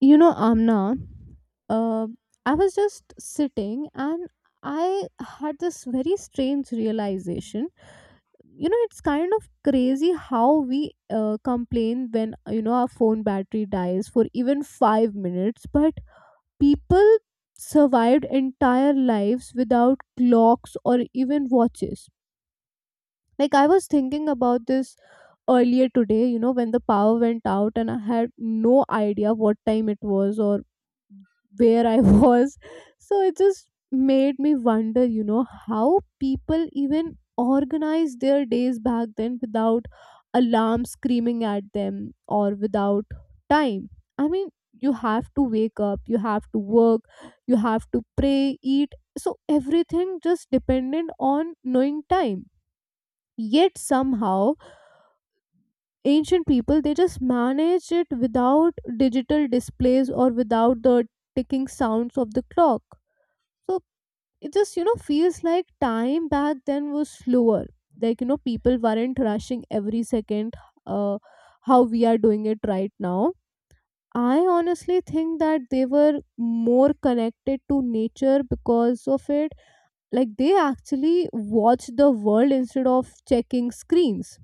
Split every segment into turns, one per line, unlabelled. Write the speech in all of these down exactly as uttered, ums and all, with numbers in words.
You know, Amna, uh, I was just sitting and I had this very strange realization. You know, it's kind of crazy how we uh, complain when, you know, our phone battery dies for even five minutes, but people survived entire lives without clocks or even watches. Like, I was thinking about this earlier today, you know, when the power went out and I had no idea what time it was or where I was. So it just made me wonder, you know, how people even organize their days back then without alarm screaming at them or without time. I mean, you have to wake up, you have to work, you have to pray, eat. So everything just dependent on knowing time. Yet somehow ancient people they just managed it without digital displays or without the ticking sounds of the clock so it just, you know, feels like time back then was slower. Like, you know, people weren't rushing every second uh, how we are doing it right now. I honestly think that they were more connected to nature because of it. Like, they actually watch the world instead of checking screens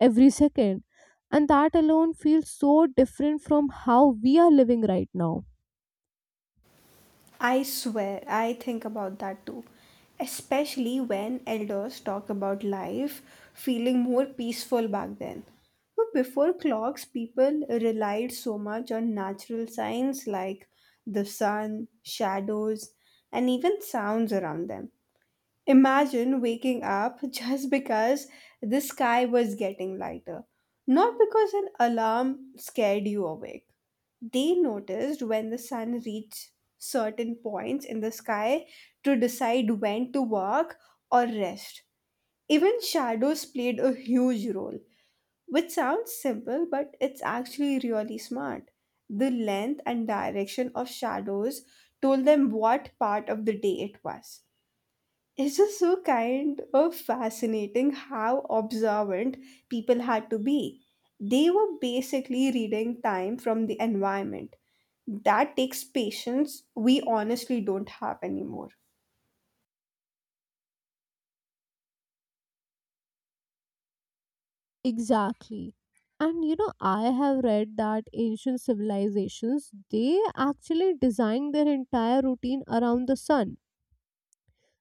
every second. And that alone feels so different from how we are living right now.
I swear, I think about that too. Especially when elders talk about life feeling more peaceful back then. But before clocks, people relied so much on natural signs like the sun, shadows, and even sounds around them. Imagine waking up just because the sky was getting lighter, not because an alarm scared you awake. They noticed when the sun reached certain points in the sky to decide when to walk or rest. Even shadows played a huge role, which sounds simple, but it's actually really smart. The length and direction of shadows told them what part of the day it was. It's just so kind of fascinating how observant people had to be. They were basically reading time from the environment that takes patience we honestly don't have anymore.
Exactly. And you know, I have read that ancient civilizations they actually designed their entire routine around the sun.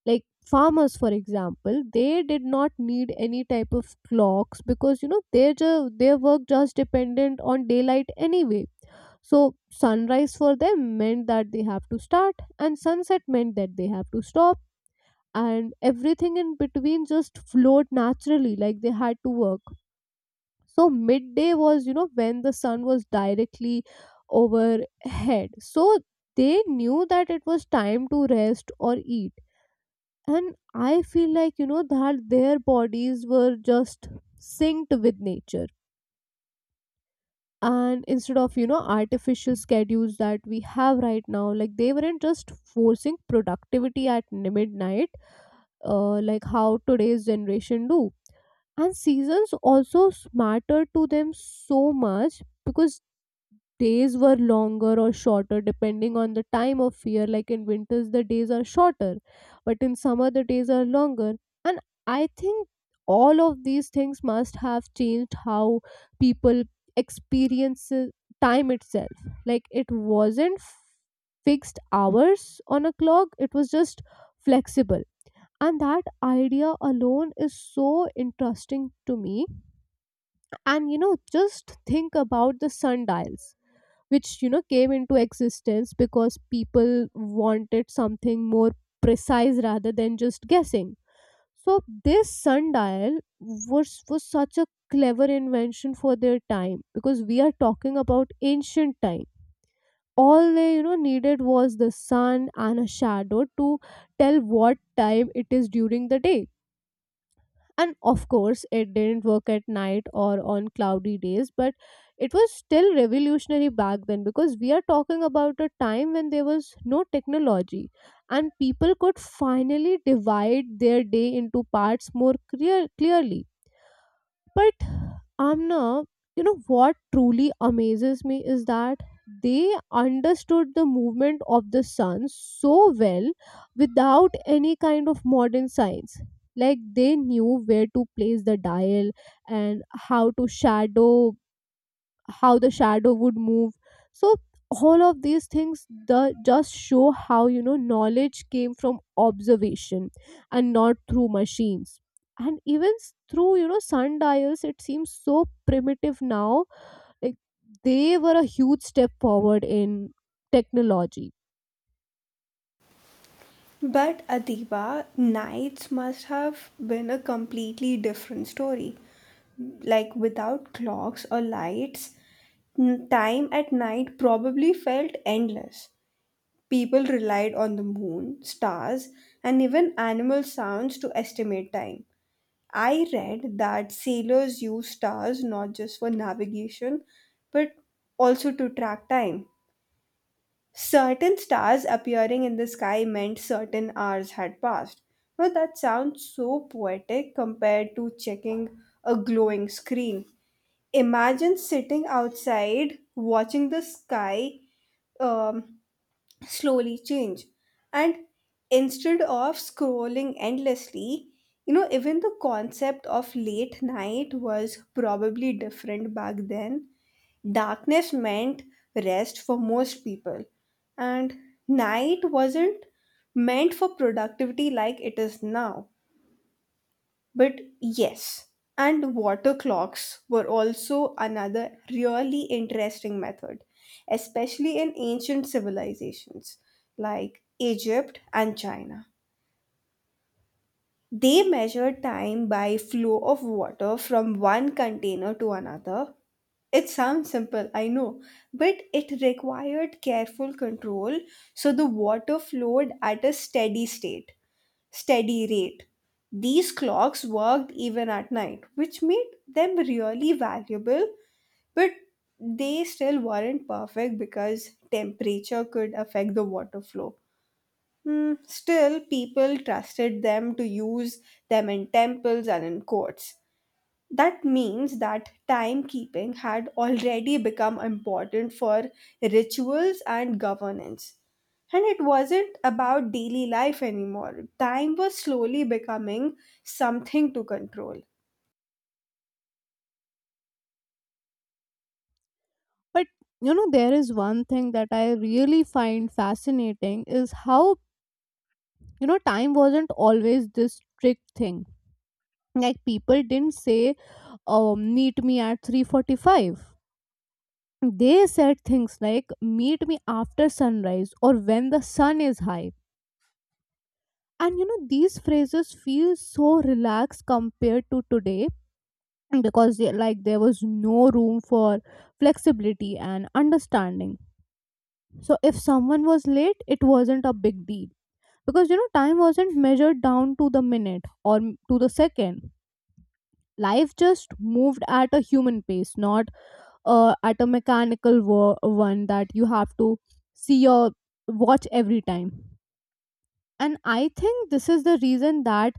Like farmers, for example, they did not need any type of clocks because you know their ju- their work just dependent on daylight anyway. So sunrise for them meant that they have to start, and sunset meant that they have to stop, and everything in between just flowed naturally, like they had to work so midday was you know when the sun was directly overhead so they knew that it was time to rest or eat, and I feel like you know that their bodies were just synced with nature, and instead of you know artificial schedules that we have right now like they weren't just forcing productivity at midnight uh, like how today's generation do. And seasons also mattered to them so much because days were longer or shorter depending on the time of year, like in winters the days are shorter but in summer the days are longer. And I think all of these things must have changed how people experience uh, time itself, like it wasn't f- fixed hours on a clock, it was just flexible, and that idea alone is so interesting to me. And you know, just think about the sundials, which you know came into existence because people wanted something more precise rather than just guessing. So this sundial was was such a clever invention for their time, because we are talking about ancient time. All they you know needed was the sun and a shadow to tell what time it is during the day, and of course it didn't work at night or on cloudy days, but it was still revolutionary back then because we are talking about a time when there was no technology, and people could finally divide their day into parts more clear- clearly. But Amna, you know what truly amazes me is that they understood the movement of the sun so well without any kind of modern science. Like they knew where to place the dial and how to shadow how the shadow would move. So all of these things the, just show how you know knowledge came from observation and not through machines. And even s- through you know sundials, it seems so primitive now, like they were a huge step forward in technology.
But Adiba, nights must have been a completely different story. Like without clocks or lights, n- time at night probably felt endless. People relied on the moon, stars, and even animal sounds to estimate time. I read that sailors used stars not just for navigation but also to track time. Certain stars appearing in the sky meant certain hours had passed. Now that sounds so poetic compared to checking a glowing screen. Imagine sitting outside watching the sky um, slowly change. And instead of scrolling endlessly, you know, even the concept of late night was probably different back then. Darkness meant rest for most people, and night wasn't meant for productivity like it is now. But yes, and water clocks were also another really interesting method, especially in ancient civilizations like Egypt and China. They measure time by flow of water from one container to another. It sounds simple, I know, but it required careful control so the water flowed at a steady state, steady rate. These clocks worked even at night, which made them really valuable, but they still weren't perfect because temperature could affect the water flow. Hmm, still, people trusted them to use them in temples and in courts. That means that timekeeping had already become important for rituals and governance. And it wasn't about daily life anymore. Time was slowly becoming something to control.
But you know, there is one thing that I really find fascinating is how you know time wasn't always this strict thing. Like people didn't say um, meet me at three forty-five, they said things like meet me after sunrise or when the sun is high. And you know these phrases feel so relaxed compared to today, because they, like there was no room for flexibility and understanding. So if someone was late it wasn't a big deal, because you know time wasn't measured down to the minute or m- to the second. Life just moved at a human pace, not uh, at a mechanical wo- one that you have to see your watch every time. And I think this is the reason that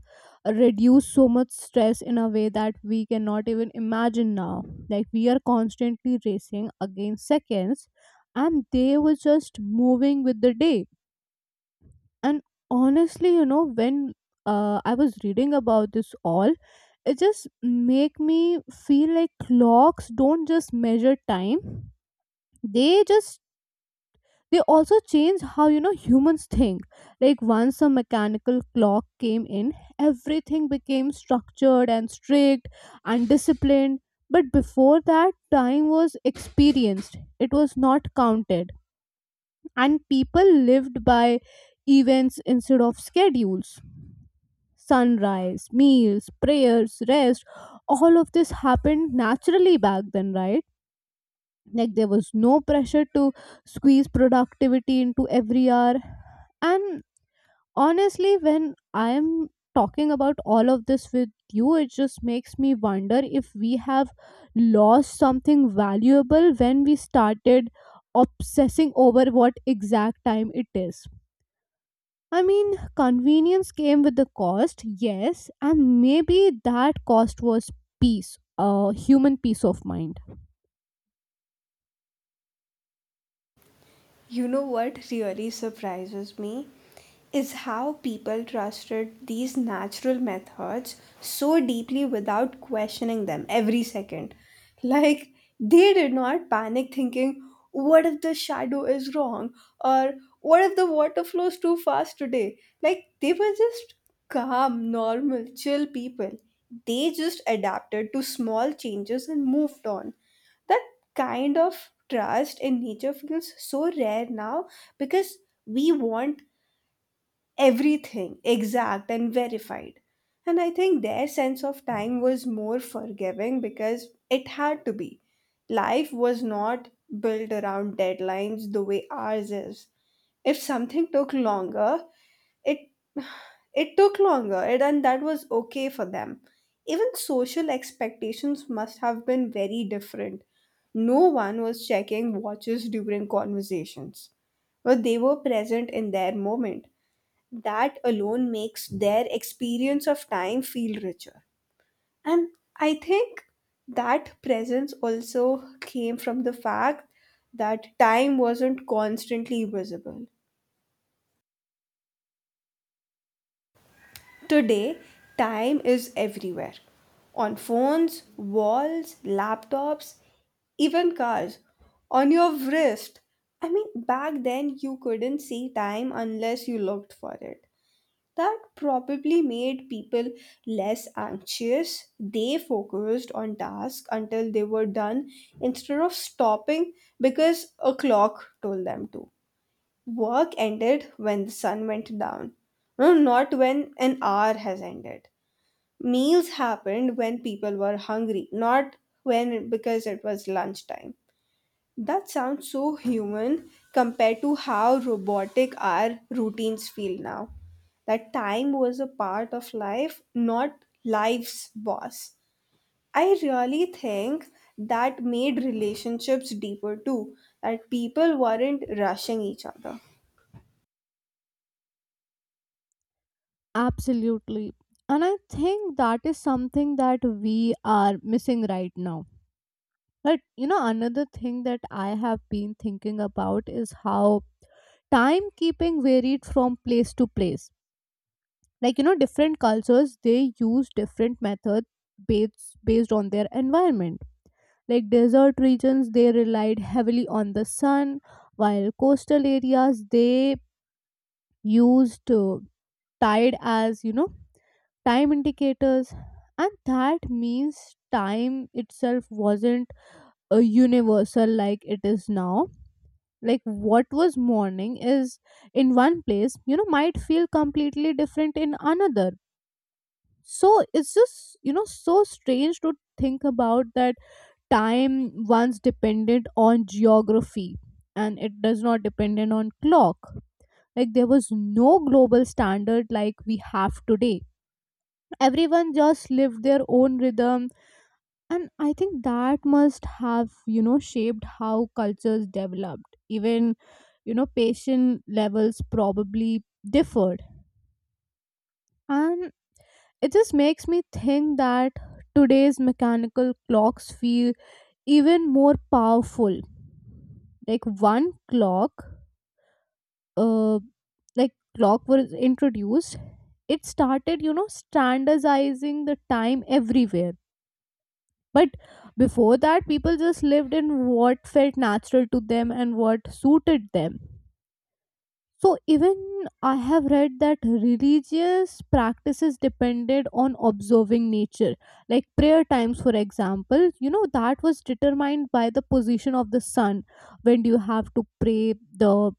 reduce so much stress in a way that we cannot even imagine now. Like we are constantly racing against seconds and they were just moving with the day. And honestly you know when uh, I was reading about this all, it just make me feel like clocks don't just measure time, they just they also change how you know humans think. Like once a mechanical clock came in, everything became structured and strict and disciplined. But before that, time was experienced, it was not counted, and people lived by events instead of schedules. Sunrise, meals, prayers, rest, all of this happened naturally back then, right? Like there was no pressure to squeeze productivity into every hour. And honestly when I am talking about all of this with you, it just makes me wonder if we have lost something valuable when we started obsessing over what exact time it is. I mean convenience came with the cost, yes, and maybe that cost was peace, a human peace of mind.
You know what really surprises me is how people trusted these natural methods so deeply without questioning them every second. Like they did not panic thinking, what if the shadow is wrong? Or what if the water flows too fast today? Like they were just calm, normal, chill people. They just adapted to small changes and moved on. That kind of trust in nature feels so rare now because we want everything exact and verified. And I think their sense of time was more forgiving because it had to be. Life was not built around deadlines the way ours is. If something took longer, it it took longer, and and that was okay for them. Even social expectations must have been very different. No one was checking watches during conversations, but they were present in their moment. That alone makes their experience of time feel richer. And I think that presence also came from the fact that time wasn't constantly visible. Today, time is everywhere on phones, walls, laptops, even cars, on your wrist. I mean, back then you couldn't see time unless you looked for it. That probably made people less anxious. They focused on tasks until they were done instead of stopping because a clock told them to. Work ended when the sun went down, no, not when an hour has ended. Meals happened when people were hungry, not when because it was lunchtime. That sounds so human compared to how robotic our routines feel now. That time was a part of life, not life's boss. I really think that made relationships deeper too, that people weren't rushing each other.
Absolutely. And I think that is something that we are missing right now. But you know, another thing that I have been thinking about is how timekeeping varied from place to place. Like, you know, different cultures they use different methods based based on their environment. Like desert regions they relied heavily on the sun, while coastal areas they used uh, tide as, you know, time indicators. And that means time itself wasn't a universal like it is now. Like what was morning is in one place you know might feel completely different in another. So it's just you know so strange to think about that time once depended on geography and it does not dependent on clock. Like there was no global standard like we have today, everyone just lived their own rhythm. And I think that must have you know shaped how cultures developed, even you know patient levels probably differed. And it just makes me think that today's mechanical clocks feel even more powerful. Like one clock uh like clock was introduced, it started you know standardizing the time everywhere. But before that, people just lived in what felt natural to them and what suited them. So, even I have read that religious practices depended on observing nature, like prayer times, for example. You know, that was determined by the position of the sun. When do you have to pray the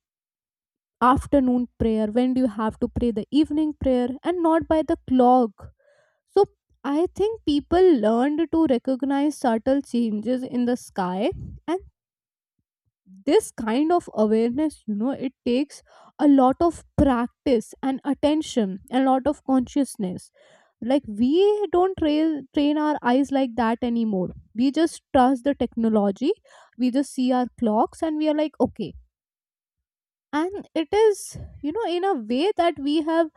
afternoon prayer? When do you have to pray the evening prayer? And not by the clock. So I think people learned to recognize subtle changes in the sky, and this kind of awareness you know it takes a lot of practice and attention and a lot of consciousness. Like we don't tra- train our eyes like that anymore, we just trust the technology, we just see our clocks and we are like okay. And it is you know in a way that we have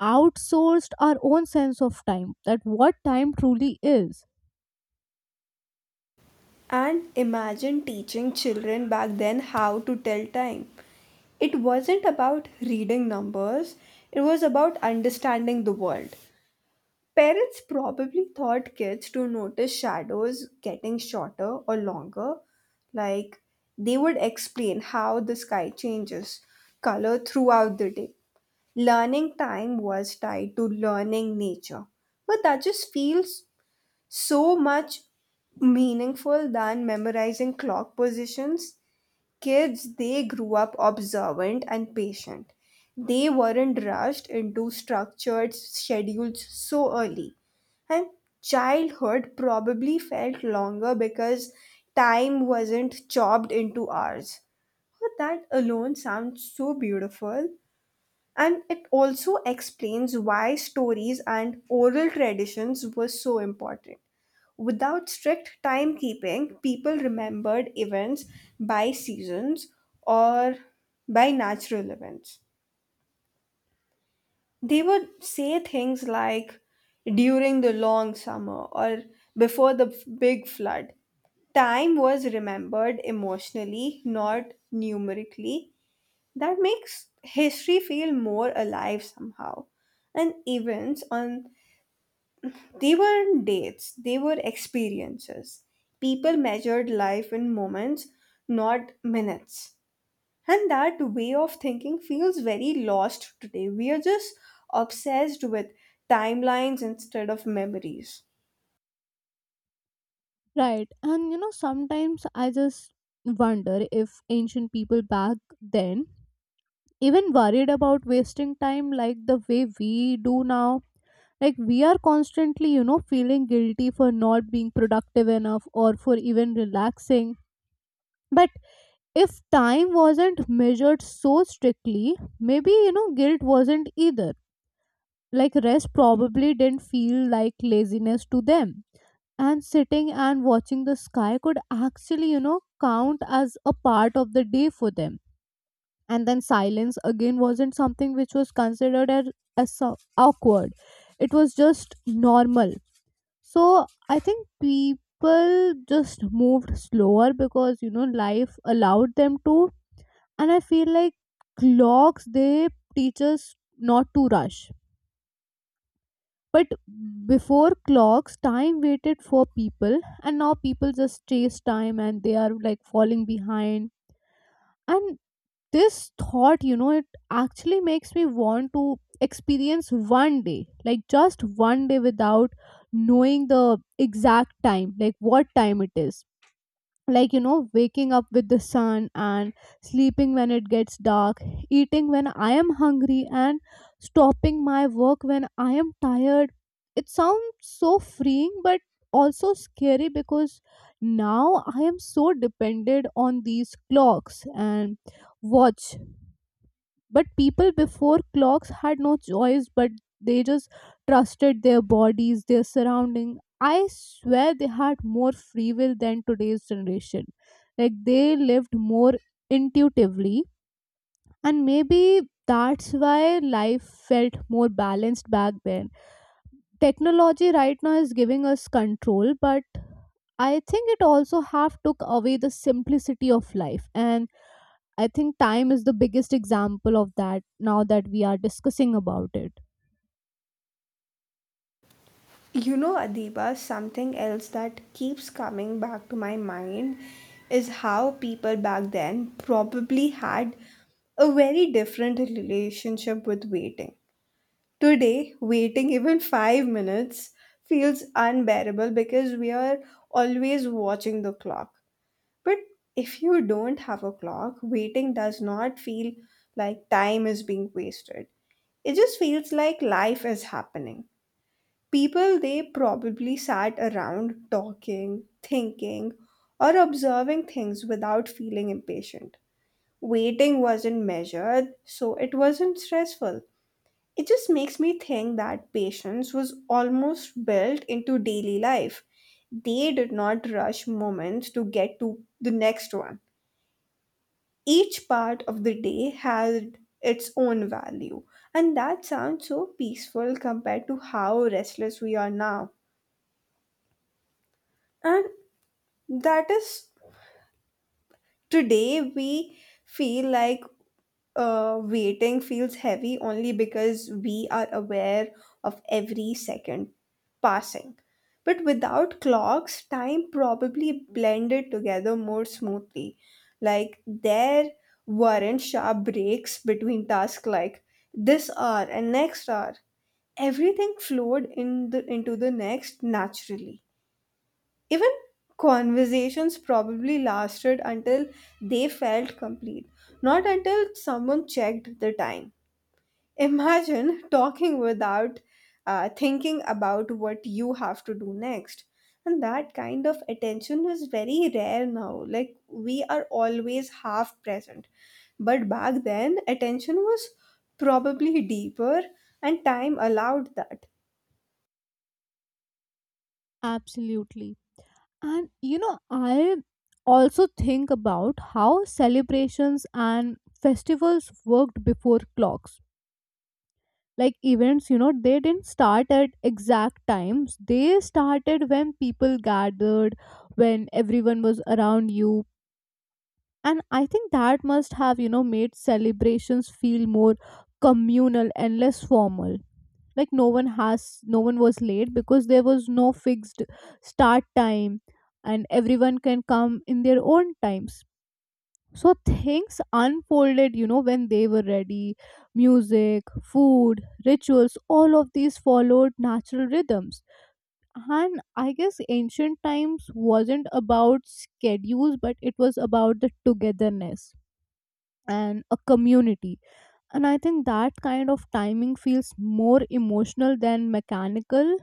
outsourced our own sense of time, that what time truly is.
And imagine teaching children back then how to tell time. It wasn't about reading numbers, it was about understanding the world. Parents probably taught kids to notice shadows getting shorter or longer. Like they would explain how the sky changes color throughout the day. Learning time was tied to learning nature. But that just feels so much meaningful than memorizing clock positions. Kids, they grew up observant and patient. They weren't rushed into structured schedules so early. And childhood probably felt longer because time wasn't chopped into hours. But that alone sounds so beautiful. And it also explains why stories and oral traditions were so important. Without strict timekeeping, people remembered events by seasons or by natural events. They would say things like during the long summer or before the f- big flood. Time was remembered emotionally, not numerically. That makes history feel more alive somehow. And events on they weren't dates, they were experiences. People measured life in moments, not minutes. And that way of thinking feels very lost today. We are just obsessed with timelines instead of memories.
Right. And you know, sometimes I just wonder if ancient people back then even worried about wasting time like the way we do now. Like, we are constantly, you know, feeling guilty for not being productive enough or for even relaxing. But if time wasn't measured so strictly, maybe, you know, guilt wasn't either. Like, rest probably didn't feel like laziness to them, and sitting and watching the sky could actually, you know, count as a part of the day for them. And then silence again wasn't something which was considered as, as so- awkward, it was just normal. So I think people just moved slower because, you know, life allowed them to. And I feel like clocks, they teach us not to rush. But before clocks, time waited for people, and now people just chase time and they are like falling behind. And this thought, you know, it actually makes me want to experience one day, like just one day without knowing the exact time, like what time it is, like you know waking up with the sun and sleeping when it gets dark, eating when I am hungry and stopping my work when I am tired. It sounds so freeing but also scary because now I am so dependent on these clocks and watch. But people before clocks had no choice, but they just trusted their bodies, their surrounding. I swear they had more free will than today's generation. Like they lived more intuitively, and maybe that's why life felt more balanced back then. Technology right now is giving us control, but I think it also have took away the simplicity of life. And I think time is the biggest example of that now that we are discussing about it.
You know, Adiba, something else that keeps coming back to my mind is how people back then probably had a very different relationship with waiting. Today, waiting even five minutes feels unbearable because we are always watching the clock. But if you don't have a clock, waiting does not feel like time is being wasted. It just feels like life is happening. People, they probably sat around talking, thinking, or observing things without feeling impatient. Waiting wasn't measured, so it wasn't stressful. It just makes me think that patience was almost built into daily life. They did not rush moments to get to the next one. Each part of the day had its own value, and that sounds so peaceful compared to how restless we are now. And that is, today we feel like uh, waiting feels heavy only because we are aware of every second passing. But without clocks, time probably blended together more smoothly. Like there weren't sharp breaks between tasks like this hour and next hour. Everything flowed in the, into the next naturally. Even conversations probably lasted until they felt complete, not until someone checked the time. Imagine talking without uh, thinking about what you have to do next. And that kind of attention is very rare now. Like, we are always half present. But back then, attention was probably deeper, and time allowed that.
Absolutely. And you know, I also think about how celebrations and festivals worked before clocks. Like events, you know, they didn't start at exact times, they started when people gathered, when everyone was around you. And I think that must have, you know, made celebrations feel more communal and less formal. Like no one has no one was late because there was no fixed start time, and everyone can come in their own times, so things unfolded, you know, when they were ready. Music, food, rituals, all of these followed natural rhythms. And I guess ancient times wasn't about schedules, but it was about the togetherness and a community. And I think that kind of timing feels more emotional than mechanical.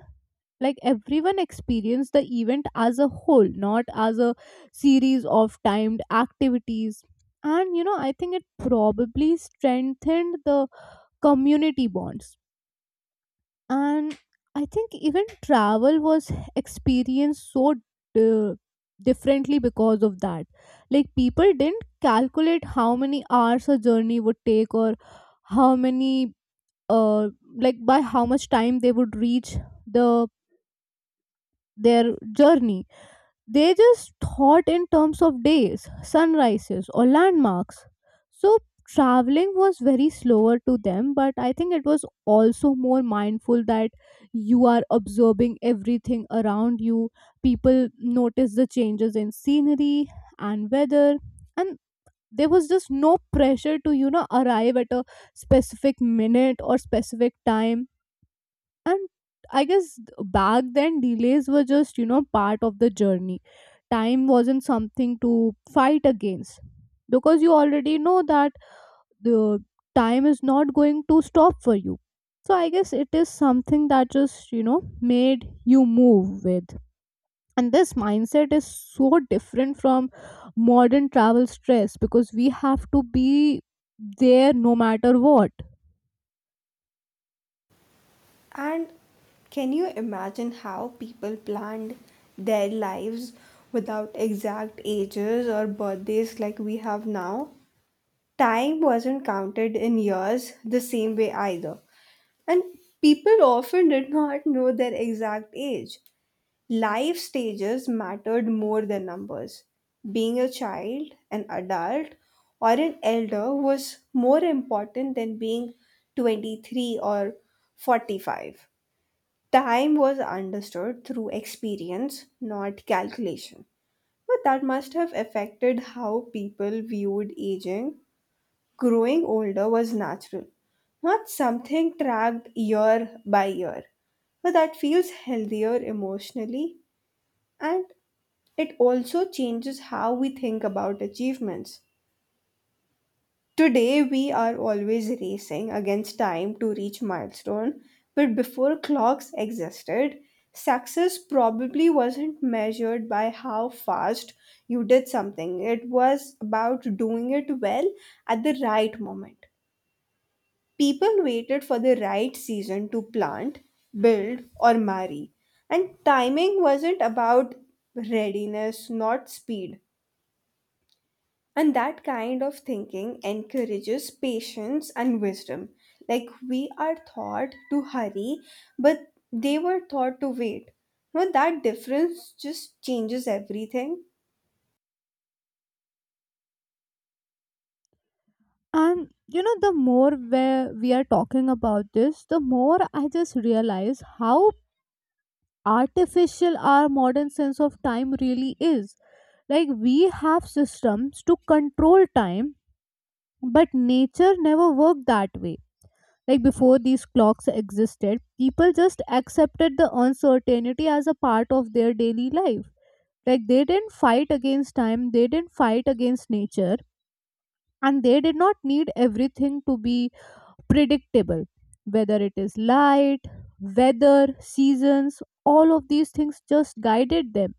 Like everyone experienced the event as a whole, not as a series of timed activities. And you know, I think it probably strengthened the community bonds. And I think even travel was experienced so uh, differently because of that. Like people didn't calculate how many hours a journey would take, or how many, uh, like by how much time they would reach the their journey. They just thought in terms of days, sunrises, or landmarks. So traveling was very slower to them, but I think it was also more mindful, that you are observing everything around you. People notice the changes in scenery and weather, and there was just no pressure to, you know, arrive at a specific minute or specific time. And I guess back then delays were just, you know, part of the journey. Time wasn't something to fight against, because you already know that the time is not going to stop for you. So I guess it is something that just, you know, made you move with. And this mindset is so different from modern travel stress, because we have to be there no matter what.
And can you imagine how people planned their lives without exact ages or birthdays like we have now? Time wasn't counted in years the same way either. And people often did not know their exact age. Life stages mattered more than numbers. Being a child, an adult, or an elder was more important than being twenty-three or forty-five. Time was understood through experience, not calculation. But that must have affected how people viewed aging. Growing older was natural, not something tracked year by year. But that feels healthier emotionally and it also changes how we think about achievements. Today, we are always racing against time to reach milestone, but before clocks existed, success probably wasn't measured by how fast you did something. It was about doing it well at the right moment. People waited for the right season to plant, build, or marry. And timing wasn't about readiness, not speed. And that kind of thinking encourages patience and wisdom. Like we are taught to hurry, but they were taught to wait. Now that difference just changes everything.
And you know, the more where we are talking about this, the more I just realize how artificial our modern sense of time really is. Like we have systems to control time, but nature never worked that way. Like before these clocks existed, people just accepted the uncertainty as a part of their daily life. Like they didn't fight against time, they didn't fight against nature, and they did not need everything to be predictable. Whether it is light, weather, seasons, all of these things just guided them.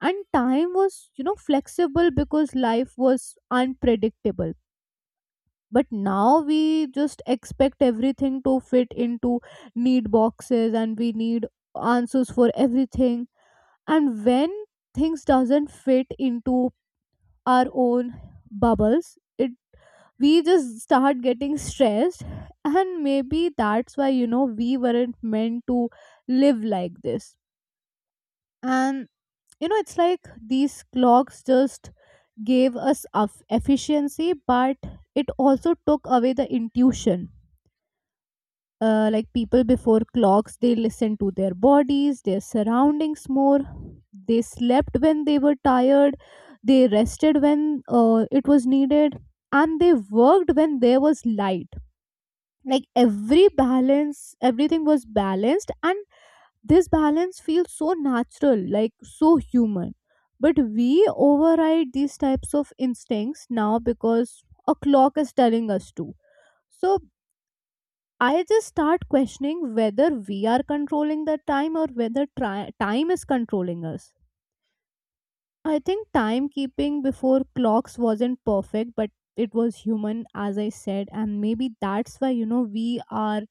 And time was, you know, flexible, because life was unpredictable. But now we just expect everything to fit into need boxes, and we need answers for everything. And when things doesn't fit into our own bubbles, it, we just start getting stressed. And maybe that's why, you know, we weren't meant to live like this. And you know, it's like these clocks just gave us of efficiency, but it also took away the intuition. Uh, like people before clocks, they listened to their bodies, their surroundings more. They slept when they were tired, they rested when, uh, it was needed, and they worked when there was light. Like every balance, everything was balanced, and this balance feels so natural, like so human. But we override these types of instincts now because a clock is telling us to. So I just start questioning whether we are controlling the time, or whether tri- time is controlling us. I think timekeeping before clocks wasn't perfect, but it was human, as I said, and maybe that's why, you know, we are,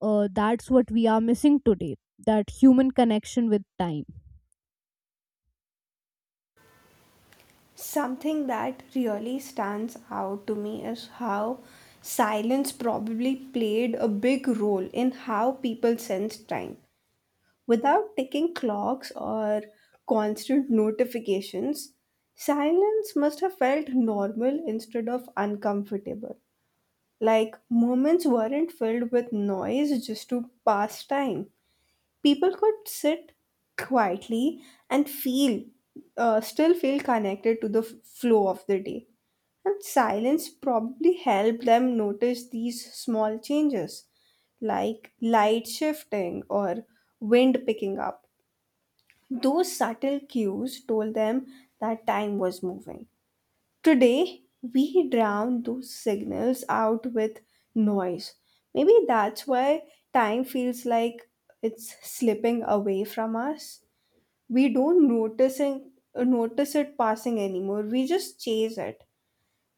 uh, that's what we are missing today, that human connection with time.
Something that really stands out to me is how silence probably played a big role in how people sense time. Without ticking clocks or constant notifications, silence must have felt normal instead of uncomfortable. Like moments weren't filled with noise just to pass time. People could sit quietly and feel, uh, still feel connected to the f- flow of the day. And silence probably helped them notice these small changes, like light shifting or wind picking up those subtle cues told them that time was moving. Today, we drown those signals out with noise. Maybe that's why time feels like it's slipping away from us. We don't notice it, notice it passing anymore. We just chase it.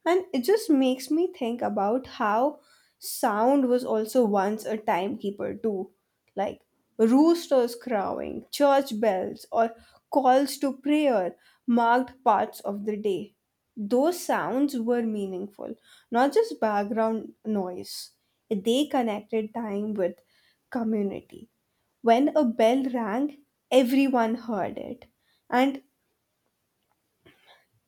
And it just makes me think about how sound was also once a timekeeper, too. Like roosters crowing, church bells, or calls to prayer marked parts of the day. Those sounds were meaningful, not just background noise. They connected time with community. When a bell rang, everyone heard it. And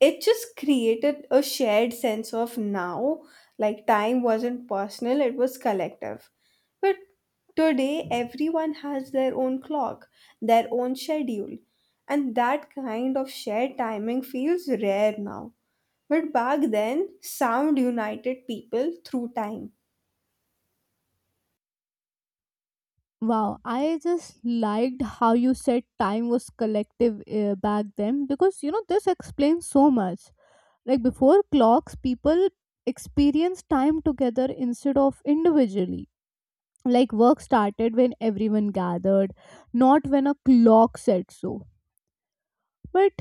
it just created a shared sense of now, like time wasn't personal, it was collective. But today everyone has their own clock, their own schedule, and that kind of shared timing feels rare now, but back then sound united people through time.
Wow, I just liked how you said time was collective uh, back then, because, you know, this explains so much. Like before clocks, people experienced time together instead of individually. Like work started when everyone gathered, not when a clock said so. But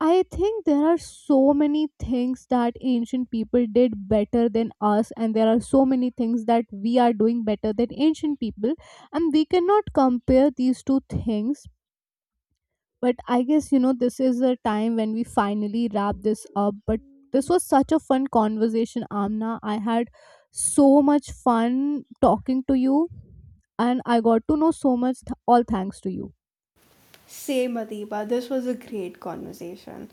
I think there are so many things that ancient people did better than us, and there are so many things that we are doing better than ancient people, and we cannot compare these two things. But I guess, you know, this is a time when we finally wrap this up. But this was such a fun conversation, Amna. I had so much fun talking to you, and I got to know so much. Th- all thanks to you.
Same, Adiba, this was a great conversation.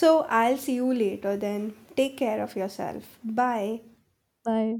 So I'll see you later then. Take care of yourself. Bye.
Bye.